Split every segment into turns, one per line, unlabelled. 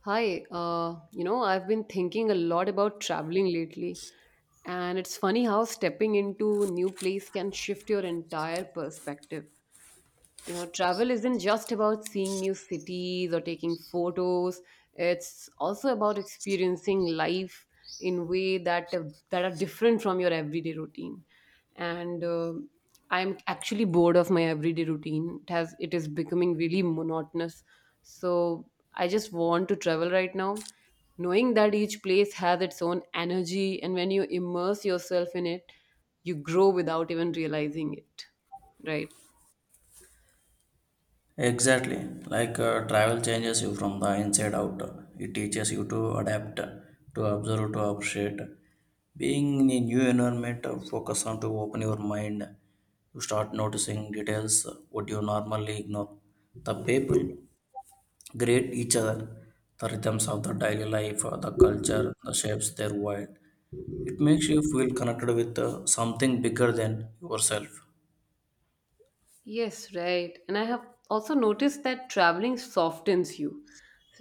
I've been thinking a lot about traveling lately, and it's funny how stepping into new place can shift your entire perspective. You know, travel isn't just about seeing new cities or taking photos. It's also about experiencing life in way that are different from your everyday routine. And I'm actually bored of my everyday routine. It is becoming really monotonous. So I just want to travel right now, knowing that each place has its own energy, and when you immerse yourself in it, you grow without even realizing it, right?
Exactly. Like travel changes you from the inside out. It teaches you to adapt, to observe, to appreciate. Being in a new environment, focus on to open your mind. You start noticing details what you normally ignore. The people greet each other, the rhythms of the daily life, the culture, the shapes their world. It makes you feel connected with something bigger than yourself.
Yes, right. And I have also noticed that traveling softens you.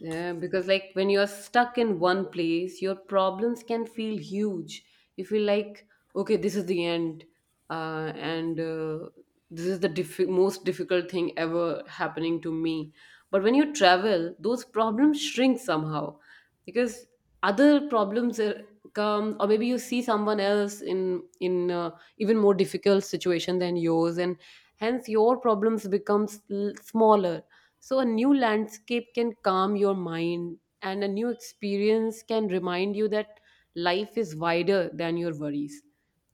Because, like, when you're stuck in one place, your problems can feel huge. You feel like, okay, this is the end, and this is the most difficult thing ever happening to me. But when you travel, those problems shrink somehow because other problems come, or maybe you see someone else in even more difficult situation than yours, and hence your problems becomes smaller. So a new landscape can calm your mind and a new experience can remind you that life is wider than your worries.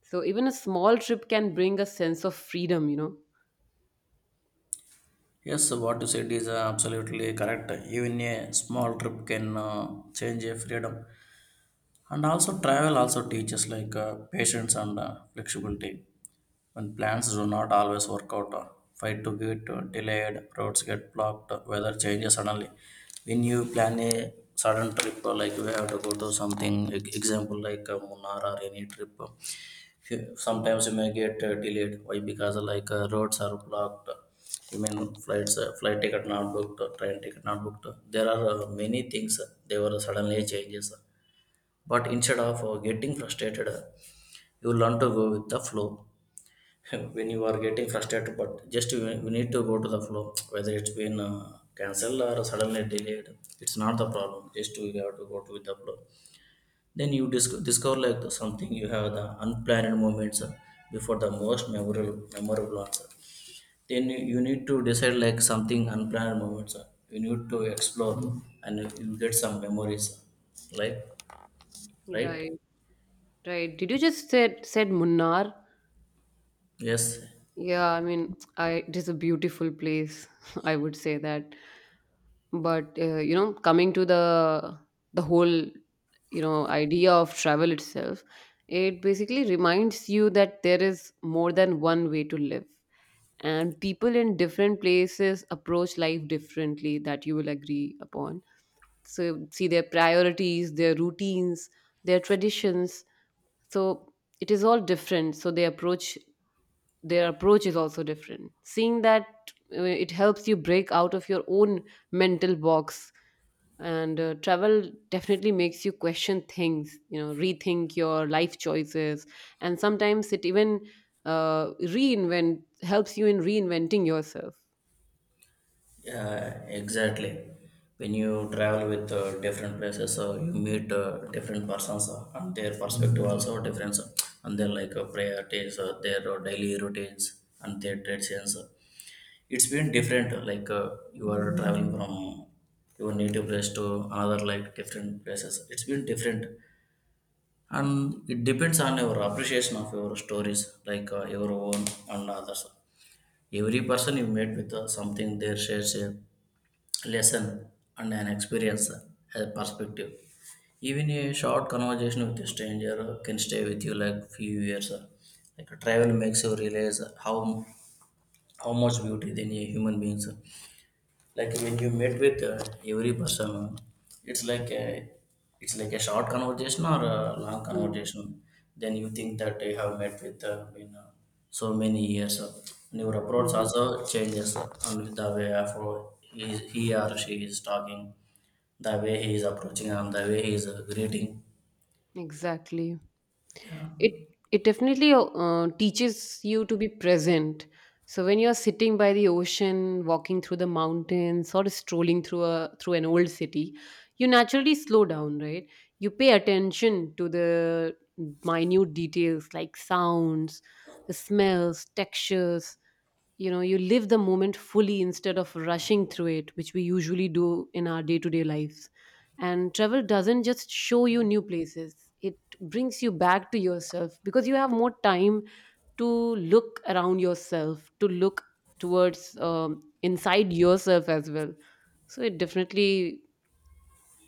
So even a small trip can bring a sense of freedom.
Yes, what you said is absolutely correct. Even a small trip can change your freedom. And also, travel also teaches like patience and flexibility. When plans do not always work out, fight to get delayed, roads get blocked, weather changes suddenly. When you plan a sudden trip, like we have to go to something, example like Munnar or any trip,
Mm.
sometimes you may get delayed why because like roads are blocked. I mean flights flight ticket not booked train ticket not booked. There are many things they were suddenly changes, but instead of getting frustrated, you learn to go with the flow. When you are getting frustrated but just you need to go to the flow, whether it's been cancelled or suddenly delayed. It's not the problem, just you have to go to with the flow. Then you discover like the something you have the unplanned moments before the most memorable answer. Then you need to decide like something unplanned moments. You need to explore, and you get some memories. Like, right?
Right. Right, did you just said munnar?
Yes.
Yeah, I mean, I it is a beautiful place, I would say that. But, coming to the whole, you know, idea of travel itself, it basically reminds you that there is more than one way to live. And people in different places approach life differently, that you will agree upon. So see their priorities, their routines, their traditions. So it is all different. So they approach is also different. Seeing that, it helps you break out of your own mental box. And Travel definitely makes you question things, you know, rethink your life choices. And sometimes it even reinvent helps you in reinventing yourself.
Yeah. Exactly. When you travel with different places, you meet different persons and their perspective also different, and their like priorities, their daily routines, and their traditions. It's been different like you are traveling from your native place to another like different places, it's been different. And it depends on your appreciation of your stories like your own and others. Every person you meet with something there shares a lesson and an experience, a perspective. Even a short conversation with a stranger can stay with you like few years. Like travel makes you realize how much beauty is in a human beings, like when you meet with every person. It's like a it's like a short conversation or a long
Mm-hmm.
conversation. Then you think that you have met with in so many years, and your approach also changes, and with the way of he or she is talking, the way he is approaching and the way he is greeting.
Exactly.
Yeah.
it it definitely teaches you to be present. So when you're sitting by the ocean, walking through the mountains, or strolling through a through an old city, you naturally slow down, right? You pay attention to the minute details, like sounds, smells, textures. You know, you live the moment fully instead of rushing through it, which we usually do in our day-to-day lives. And travel doesn't just show you new places, it brings you back to yourself because you have more time to look around yourself, to look towards, inside yourself as well. So it definitely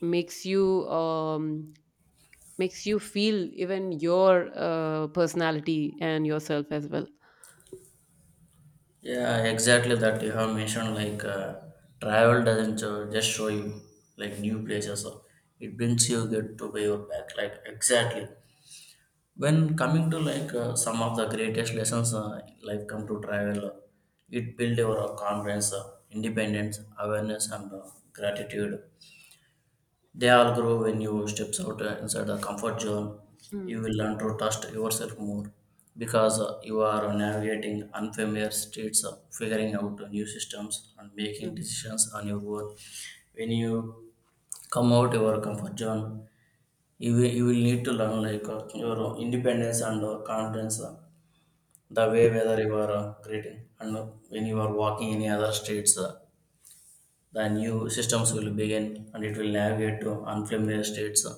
makes you um, makes you feel even your personality and yourself as well.
Yeah, exactly that you have mentioned. Like travel doesn't just show you like new places. It brings you get to where you back. Like exactly. When coming to like some of the greatest lessons, like come to travel, it build your confidence, independence, awareness, and gratitude. They all grow when you steps out inside the comfort zone. You
Mm.
will learn to trust yourself more because you are navigating unfamiliar streets, figuring out new systems, and making
Mm.
decisions on your own. When you come out your comfort zone, you will need to learn like your independence and confidence, the way whether you are greeting and when you are walking any other streets. The new systems will begin and it will navigate to unfamiliar states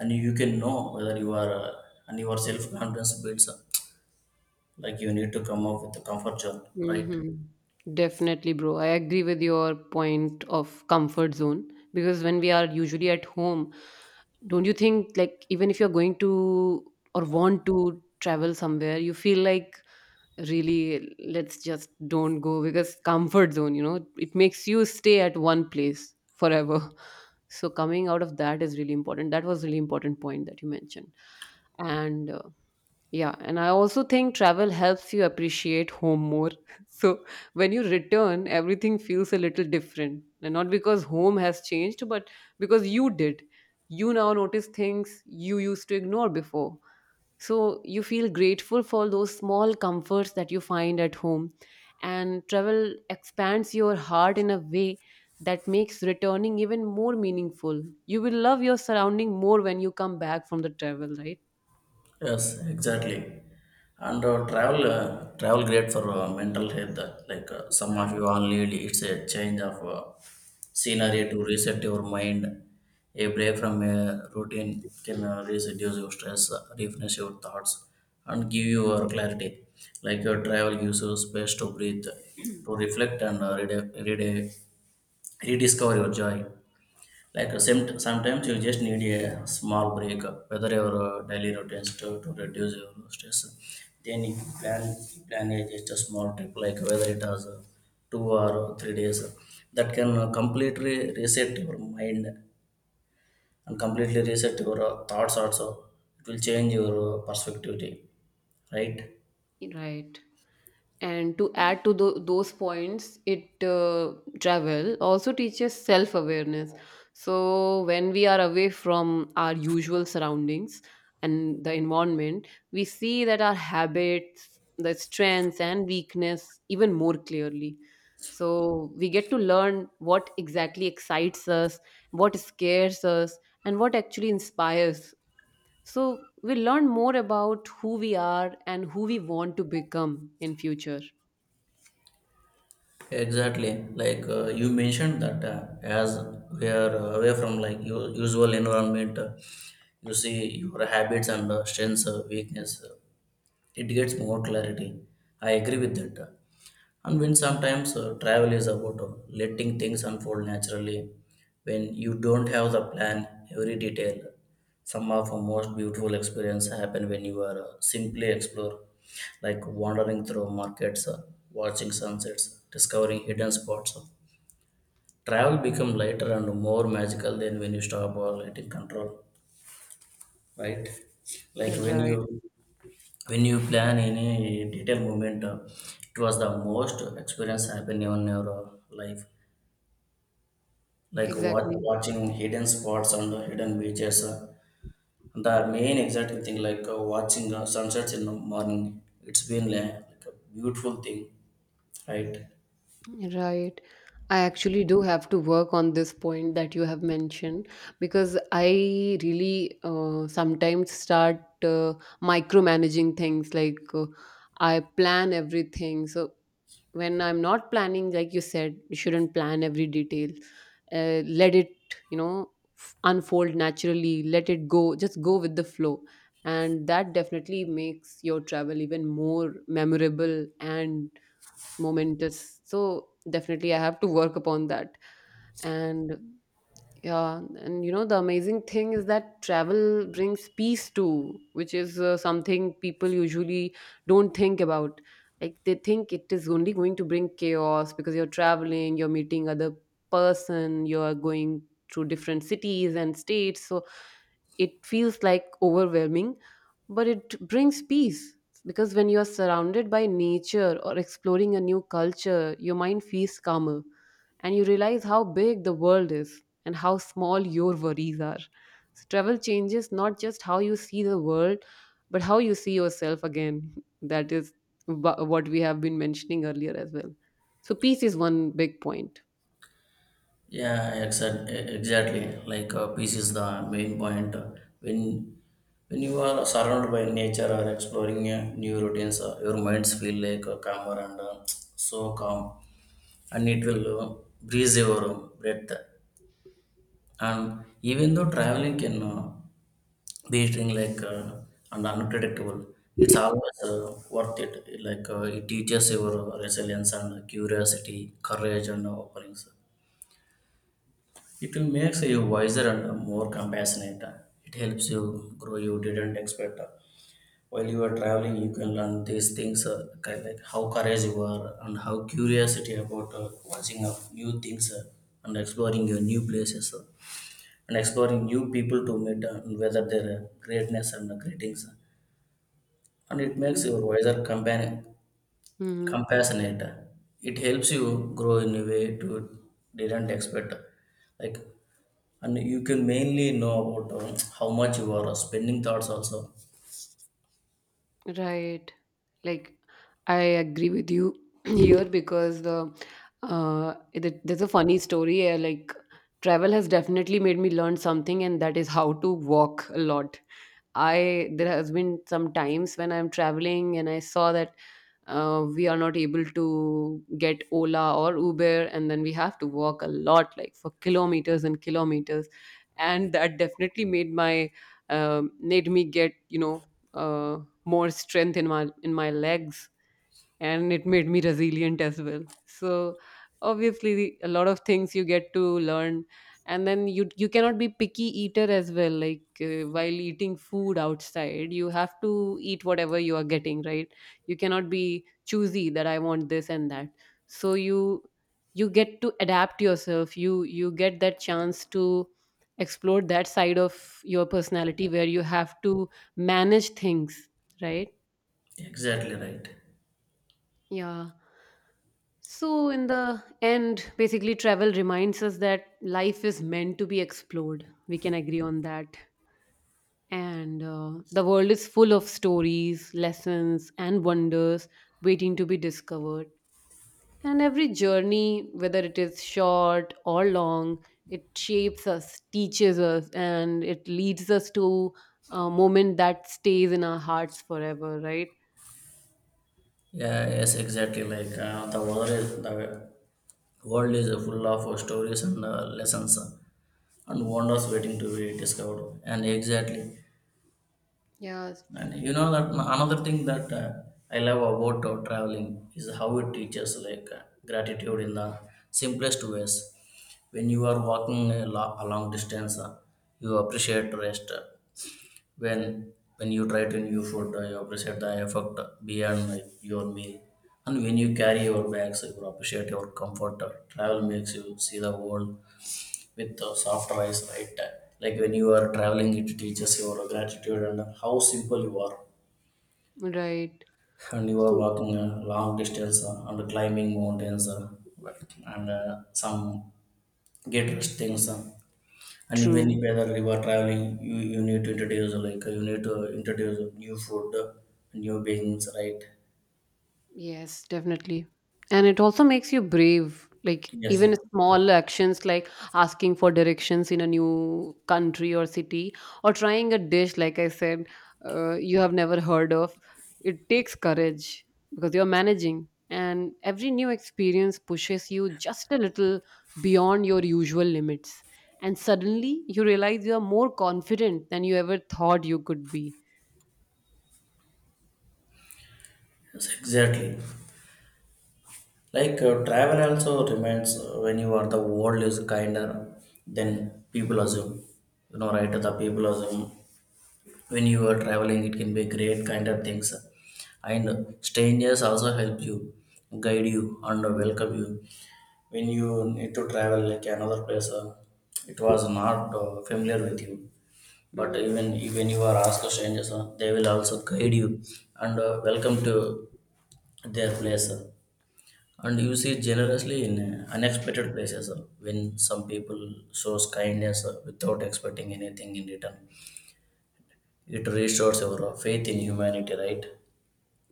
and you can know whether you are and your self confidence builds like you need to come up with the comfort zone, right?
Mhm. Definitely, bro. I agree with your point of comfort zone, because when we are usually at home, don't you think, like, even if you're going to or want to travel somewhere, you feel like, really, let's just don't go, because comfort zone, you know, it makes you stay at one place forever. So, coming out of that is really important. That was really important point that you mentioned. And Yeah, and I also think travel helps you appreciate home more. So when you return, everything feels a little different. And not because home has changed, but because you did. You now notice things you used to ignore before. So you feel grateful for those small comforts that you find at home. And travel expands your heart in a way that makes returning even more meaningful. You will love your surrounding more when you come back from the travel, right?
Yes, exactly. And travel great for mental health. Like some of
Right.
you all need, it's a change of scenery to reset your mind. A break from a routine can reduce your stress, refresh your thoughts, and give you clarity. Like your travel gives you space to breathe, to reflect, and rediscover your joy. Like sometimes you just need a small break, whether your daily routines to reduce your stress. Then you plan a just a small trip, like whether it has 2 or 3 days, that can completely reset your mind and completely reset your thoughts. Also, it will change your perspective, right?
Right. And to add to those points, it, travel also teaches self awareness. So, when we are away from our usual surroundings and the environment, we see that our habits, the strengths, and weakness even more clearly. So, we get to learn what exactly excites us, what scares us, and what actually inspires. So we learn more about who we are and who we want to become in future.
Exactly, like you mentioned that as we are away from like usual environment, you see your habits and strengths, weakness, it gets more clarity. I agree with that. And when
Mm.
sometimes travel is about letting things unfold naturally, when you don't have the plan, every detail, some of the most beautiful experience happen when you are simply explore, like wandering through markets, watching sunsets, discovering hidden spots. Travel become lighter and more magical than when you stop or letting control, right? Like
Yeah. Right.
when you plan in a detailed moment, it was the most experience happen in your life, like
Exactly.
watching hidden spots and hidden beaches. The main exciting thing, like watching sunsets in the morning, it's been like a beautiful thing, right?
Right. I actually do have to work on this point that you have mentioned, because I really sometimes start uh, micromanaging things, I plan everything. So when I'm not planning, like you said, you shouldn't plan every detail, let it, you know, unfold naturally, let it go, just go with the flow. And that definitely makes your travel even more memorable and momentous. So definitely I have to work upon that. And yeah, and you know, the amazing thing is that travel brings peace too, which is something people usually don't think about. Like they think it is only going to bring chaos because you're traveling, you're meeting other person, you're going through different cities and states. So it feels like overwhelming, but it brings peace, because when you are surrounded by nature or exploring a new culture, your mind feels calmer and you realize how big the world is and how small your worries are. So, travel changes not just how you see the world, but how you see yourself again. That is what we have been mentioning earlier as well. So, peace is one big point.
Exactly. Like peace is the main point. When when you are surrounded by nature or exploring new routines, your minds feel like calmer and so calm, and it will breeze your breath. And even though traveling can these thing like and unpredictable. It's always worth it. Like it teaches your resilience and curiosity, courage and offerings. It will makes you wiser and more compassionate. It helps you grow you didn't expect. While you are traveling, you can learn these things kind like how courage you are and how curiosity about watching of new things and exploring your new places and exploring new people to meet and whether their greatness and greetings, and it makes you wiser, companion,
Mhm.
compassionate. It helps you grow in a way to didn't expect. Like, and you can mainly know about how much you are spending thoughts also.
Right. Like, I agree with you here, because the, it, there's a funny story. Like, travel has definitely made me learn something, and that is how to walk a lot. I, there has been some times when I'm traveling and I saw that, we are not able to get Ola or Uber, and then we have to walk a lot, like for kilometers and kilometers, and that definitely made my, made me get, you know, uh, more strength in my legs, and it made me resilient as well. So obviously, a lot of things you get to learn. And then you cannot be picky eater as well. While eating food outside, you have to eat whatever you are getting, right? You cannot be choosy that I want this and that. So you get to adapt yourself. You get that chance to explore that side of your personality where you have to manage things, right?
Exactly right.
Yeah. So, in the end, basically, travel reminds us that life is meant to be explored. We can agree on that. And The world is full of stories, lessons, and wonders waiting to be discovered. And every journey, whether it is short or long, it shapes us, teaches us, and it leads us to a moment that stays in our hearts forever, right?
Yeah, yes, exactly. Like the world is full of stories and lessons and wonders waiting to be discovered. And exactly,
Yeah,
and you know that another thing that I love about traveling is how it teaches like gratitude in the simplest ways. When you are walking a long distance, you appreciate rest. When when you try to new food, you appreciate the effort beyond like, your meal. And when you carry your bags, you appreciate your comfort. Travel makes you see the world with softer eyes, right? Like when you are traveling, it teaches your gratitude and how simple you are,
right.
and you are
So
walking a long distance and climbing mountains, and some get rest things, and when
true.
you whether you are traveling you need to introduce like you need to introduce new food, new beings, right?
Yes, definitely. And it also makes you brave. Like
Yes.
even small actions like asking for directions in a new country or city, or trying a dish, like I said, you have never heard of. It takes courage because you're managing. And every new experience pushes you just a little beyond your usual limits. And suddenly you realize you are more confident than you ever thought you could be.
Yes, exactly. Like travel also remains when you are the world is kinder than people assume, you know, right? The people assume when you are traveling it can be great kind of things, and strangers also help you, guide you and welcome you when you need to travel like another place. It was not familiar with you, but
Mm-hmm.
even you are asked strangers, they will also guide you and welcome to their place. And you see generously in unexpected places, when some people shows kindness without expecting anything in return, it restores your faith in humanity, right?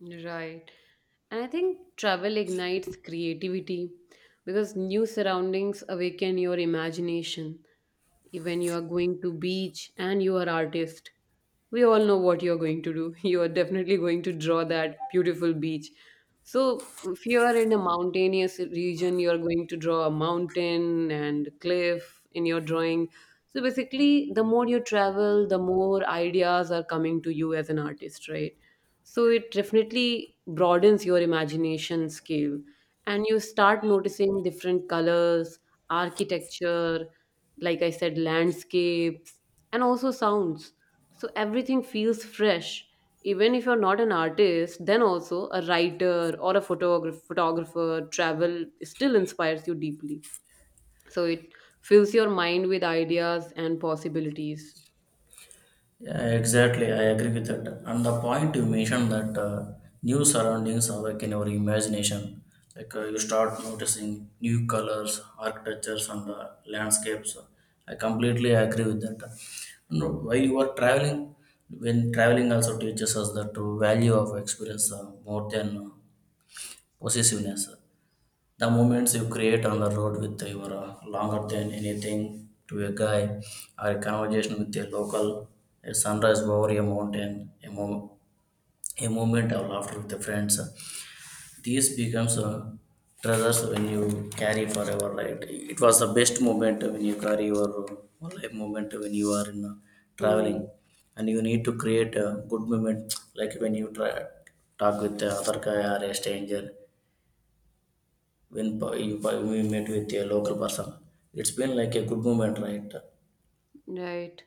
Right. And I think travel ignites creativity because new surroundings awaken your imagination. When you are going to beach and you are artist, we all know what you're going to do. You are definitely going to draw that beautiful beach. So if you are in a mountainous region, you're going to draw a mountain and cliff in your drawing. So basically, the more you travel, the more ideas are coming to you as an artist, right? So it definitely broadens your imagination scale, and you start noticing different colors, architecture, like I said, landscapes, and also sounds. So everything feels fresh. Even if you're not an artist, then also a writer or a photographer, travel still inspires you deeply. So it fills your mind with ideas and possibilities.
Yeah, exactly. I agree with that. And the point you mentioned that new surroundings awaken our imagination. Like you start noticing new colors, architectures, and landscapes. I completely agree with that. And while you are traveling, when traveling also teaches us that to value of experience more than possessiveness. The moments you create on the road with your longer than anything to a guy, or a conversation with a local, a sunrise over a mountain, a moment of laughter with the friends, these becomes treasures when you carry forever. Right? It was the best moment when you carry your life moment when you are in
Hmm.
traveling, and you need to create a good moment like when you try talk with the other guy or a stranger when we met with a local person. It's been like a good moment, right?
Right.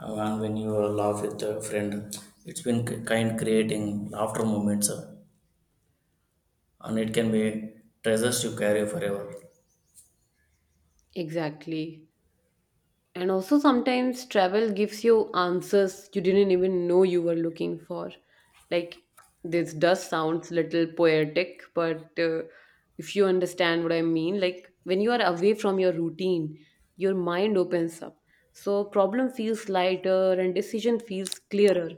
And when you laugh with a friend, it's been kind creating laughter moments, and it can be treasures you carry forever.
Exactly. And also, sometimes travel gives you answers you didn't even know you were looking for. Like, this does sounds little poetic, but if you understand what I mean, like when you are away from your routine, your mind opens up. So, problem feels lighter and decision feels clearer,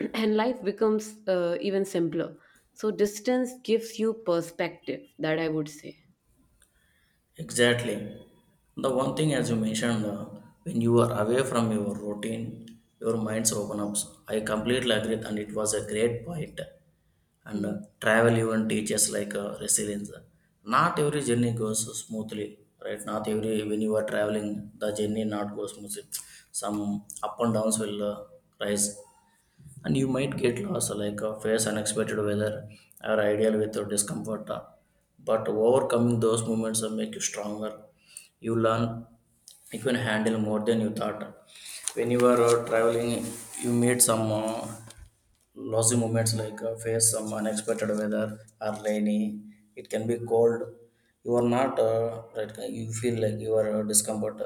and life becomes, even simpler. So, distance gives you perspective, that I would say.
Exactly. The one thing, as you mentioned, when you are away from your routine, your minds open up. I completely agree, and it was a great point. And
Hmm.
travel even teaches like resilience. Not every journey goes smoothly, right? Not every, when you are traveling, the journey not goes smoothly. Some up and downs will rise, and you might get lost, like face unexpected weather or ideal with your discomfort, but overcoming those moments make you stronger. You learn you can handle more than you thought. When you are traveling, you meet some lousy moments, like face some unexpected weather or rainy. It can be cold. You are not, right, you feel like you are discomfort.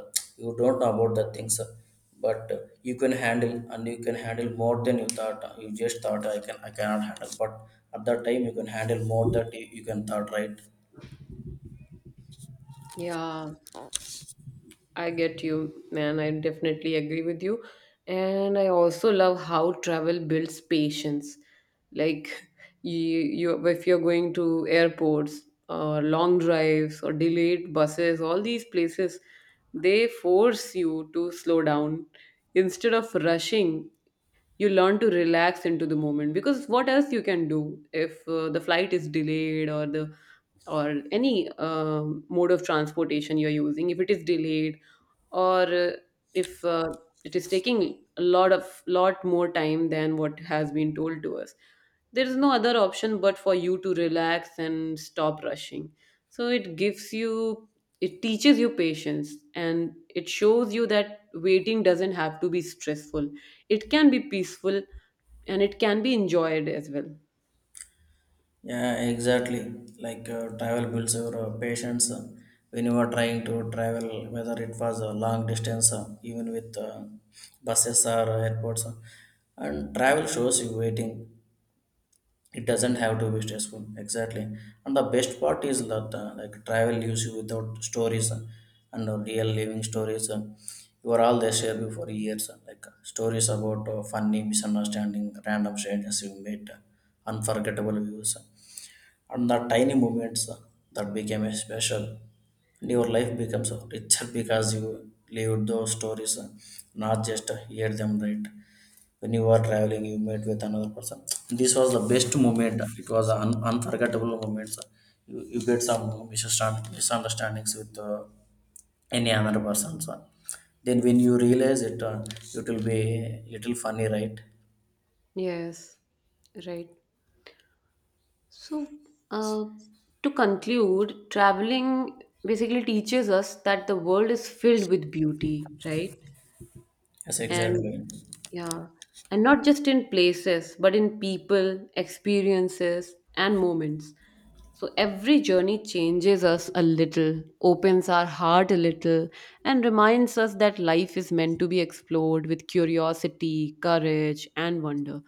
You don't know about the things, but you can handle, and you can handle more than you thought. You just thought, I can, I cannot handle, but at that time you can handle more that you can thought, right?
Yeah. I get you, man. I definitely agree with you. And I also love how travel builds patience. Like you if you're going to airports or long drives or delayed buses, all these places, they force you to slow down. Instead of rushing, you learn to relax into the moment, because what else you can do if, the flight is delayed, or the or any mode of transportation you're using, if it is delayed, or if it is taking a lot more time than what has been told to us, there is no other option but for you to relax and stop rushing. So it gives you, it teaches you patience, and it shows you that waiting doesn't have to be stressful. It can be peaceful, and it can be enjoyed as well.
Yeah, exactly. Like travel builds your patience, when you are trying to travel, whether it was a long distance, even with buses or airports. And travel shows you waiting. It doesn't have to be stressful. Exactly. And the best part is that, like, travel leaves you without stories, and real living stories. You are all they share you for years, like stories about funny misunderstanding, random strangers you meet, unforgettable views, and the tiny moments that became special. And your life becomes richer because you lived those stories, not just hear them, right? When you were traveling, you met with another person. This was the best moment, it was an unforgettable moment. You get some misunderstandings with any other person, so then when you realize it, it will be little funny, right?
Yes. Right. So, uh, to conclude, traveling basically teaches us that the world is filled with beauty, right?
Yes,
And
exactly.
yeah, and not just in places, but in people, experiences, and moments. So every journey changes us a little, opens our heart a little, and reminds us that life is meant to be explored with curiosity, courage, and wonder.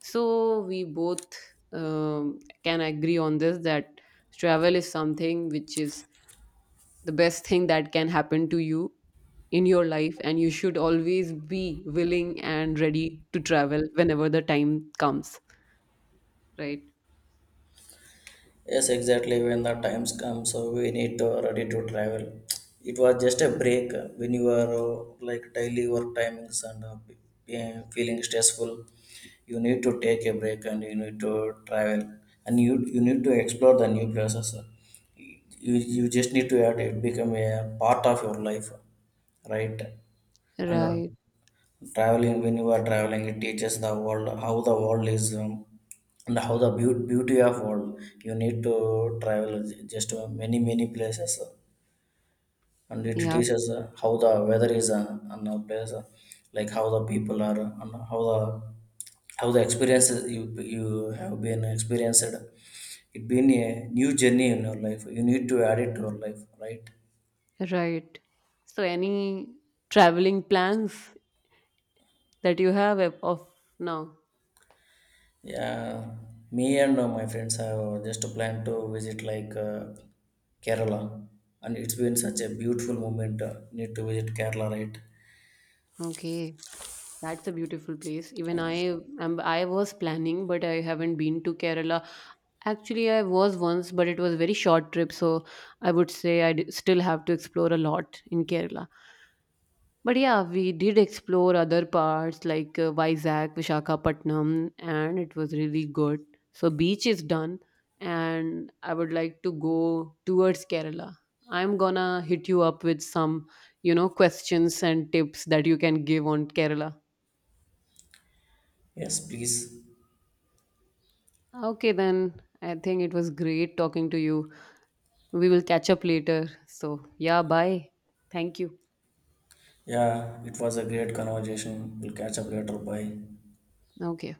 So we both, can agree on this that travel is something which is the best thing that can happen to you in your life, and you should always be willing and ready to travel whenever the time comes, right?
Yes, exactly. When the times come, so we need to ready to travel. It was just a break, when you are like daily work timings and feeling stressful. You need to take a break and you need to travel, and you need to explore the new places. You just need to add it, become a part of your life, right? And
Right.
traveling, when you are traveling, it teaches the world how the world is, and how the beauty of world. You need to travel just many many places, and it
Yeah.
teaches, how the weather is, on a place, like how the people are, and how the experiences you have been experienced. It been a new journey in your life, you need to add it to your life, right?
Right. So any traveling plans that you have of now?
Yeah, me and my friends have just planned to visit like Kerala, and it's been such a beautiful moment. Need to visit Kerala, right?
Okay, that's a beautiful place. Even I am, I was planning, but I haven't been to Kerala. Actually, I was once, but it was a very short trip, so I would say I still have to explore a lot in Kerala. But yeah, we did explore other parts like, Vizag, Visakhapatnam, and it was really good. So beach is done, and I would like to go towards Kerala. I'm gonna hit you up with some, you know, questions and tips that you can give on Kerala.
Yes, please.
Okay, then I think it was great talking to you. We will catch up later. So yeah, bye. Thank you.
Yeah, it was a great conversation. We'll catch up later. Bye.
Okay.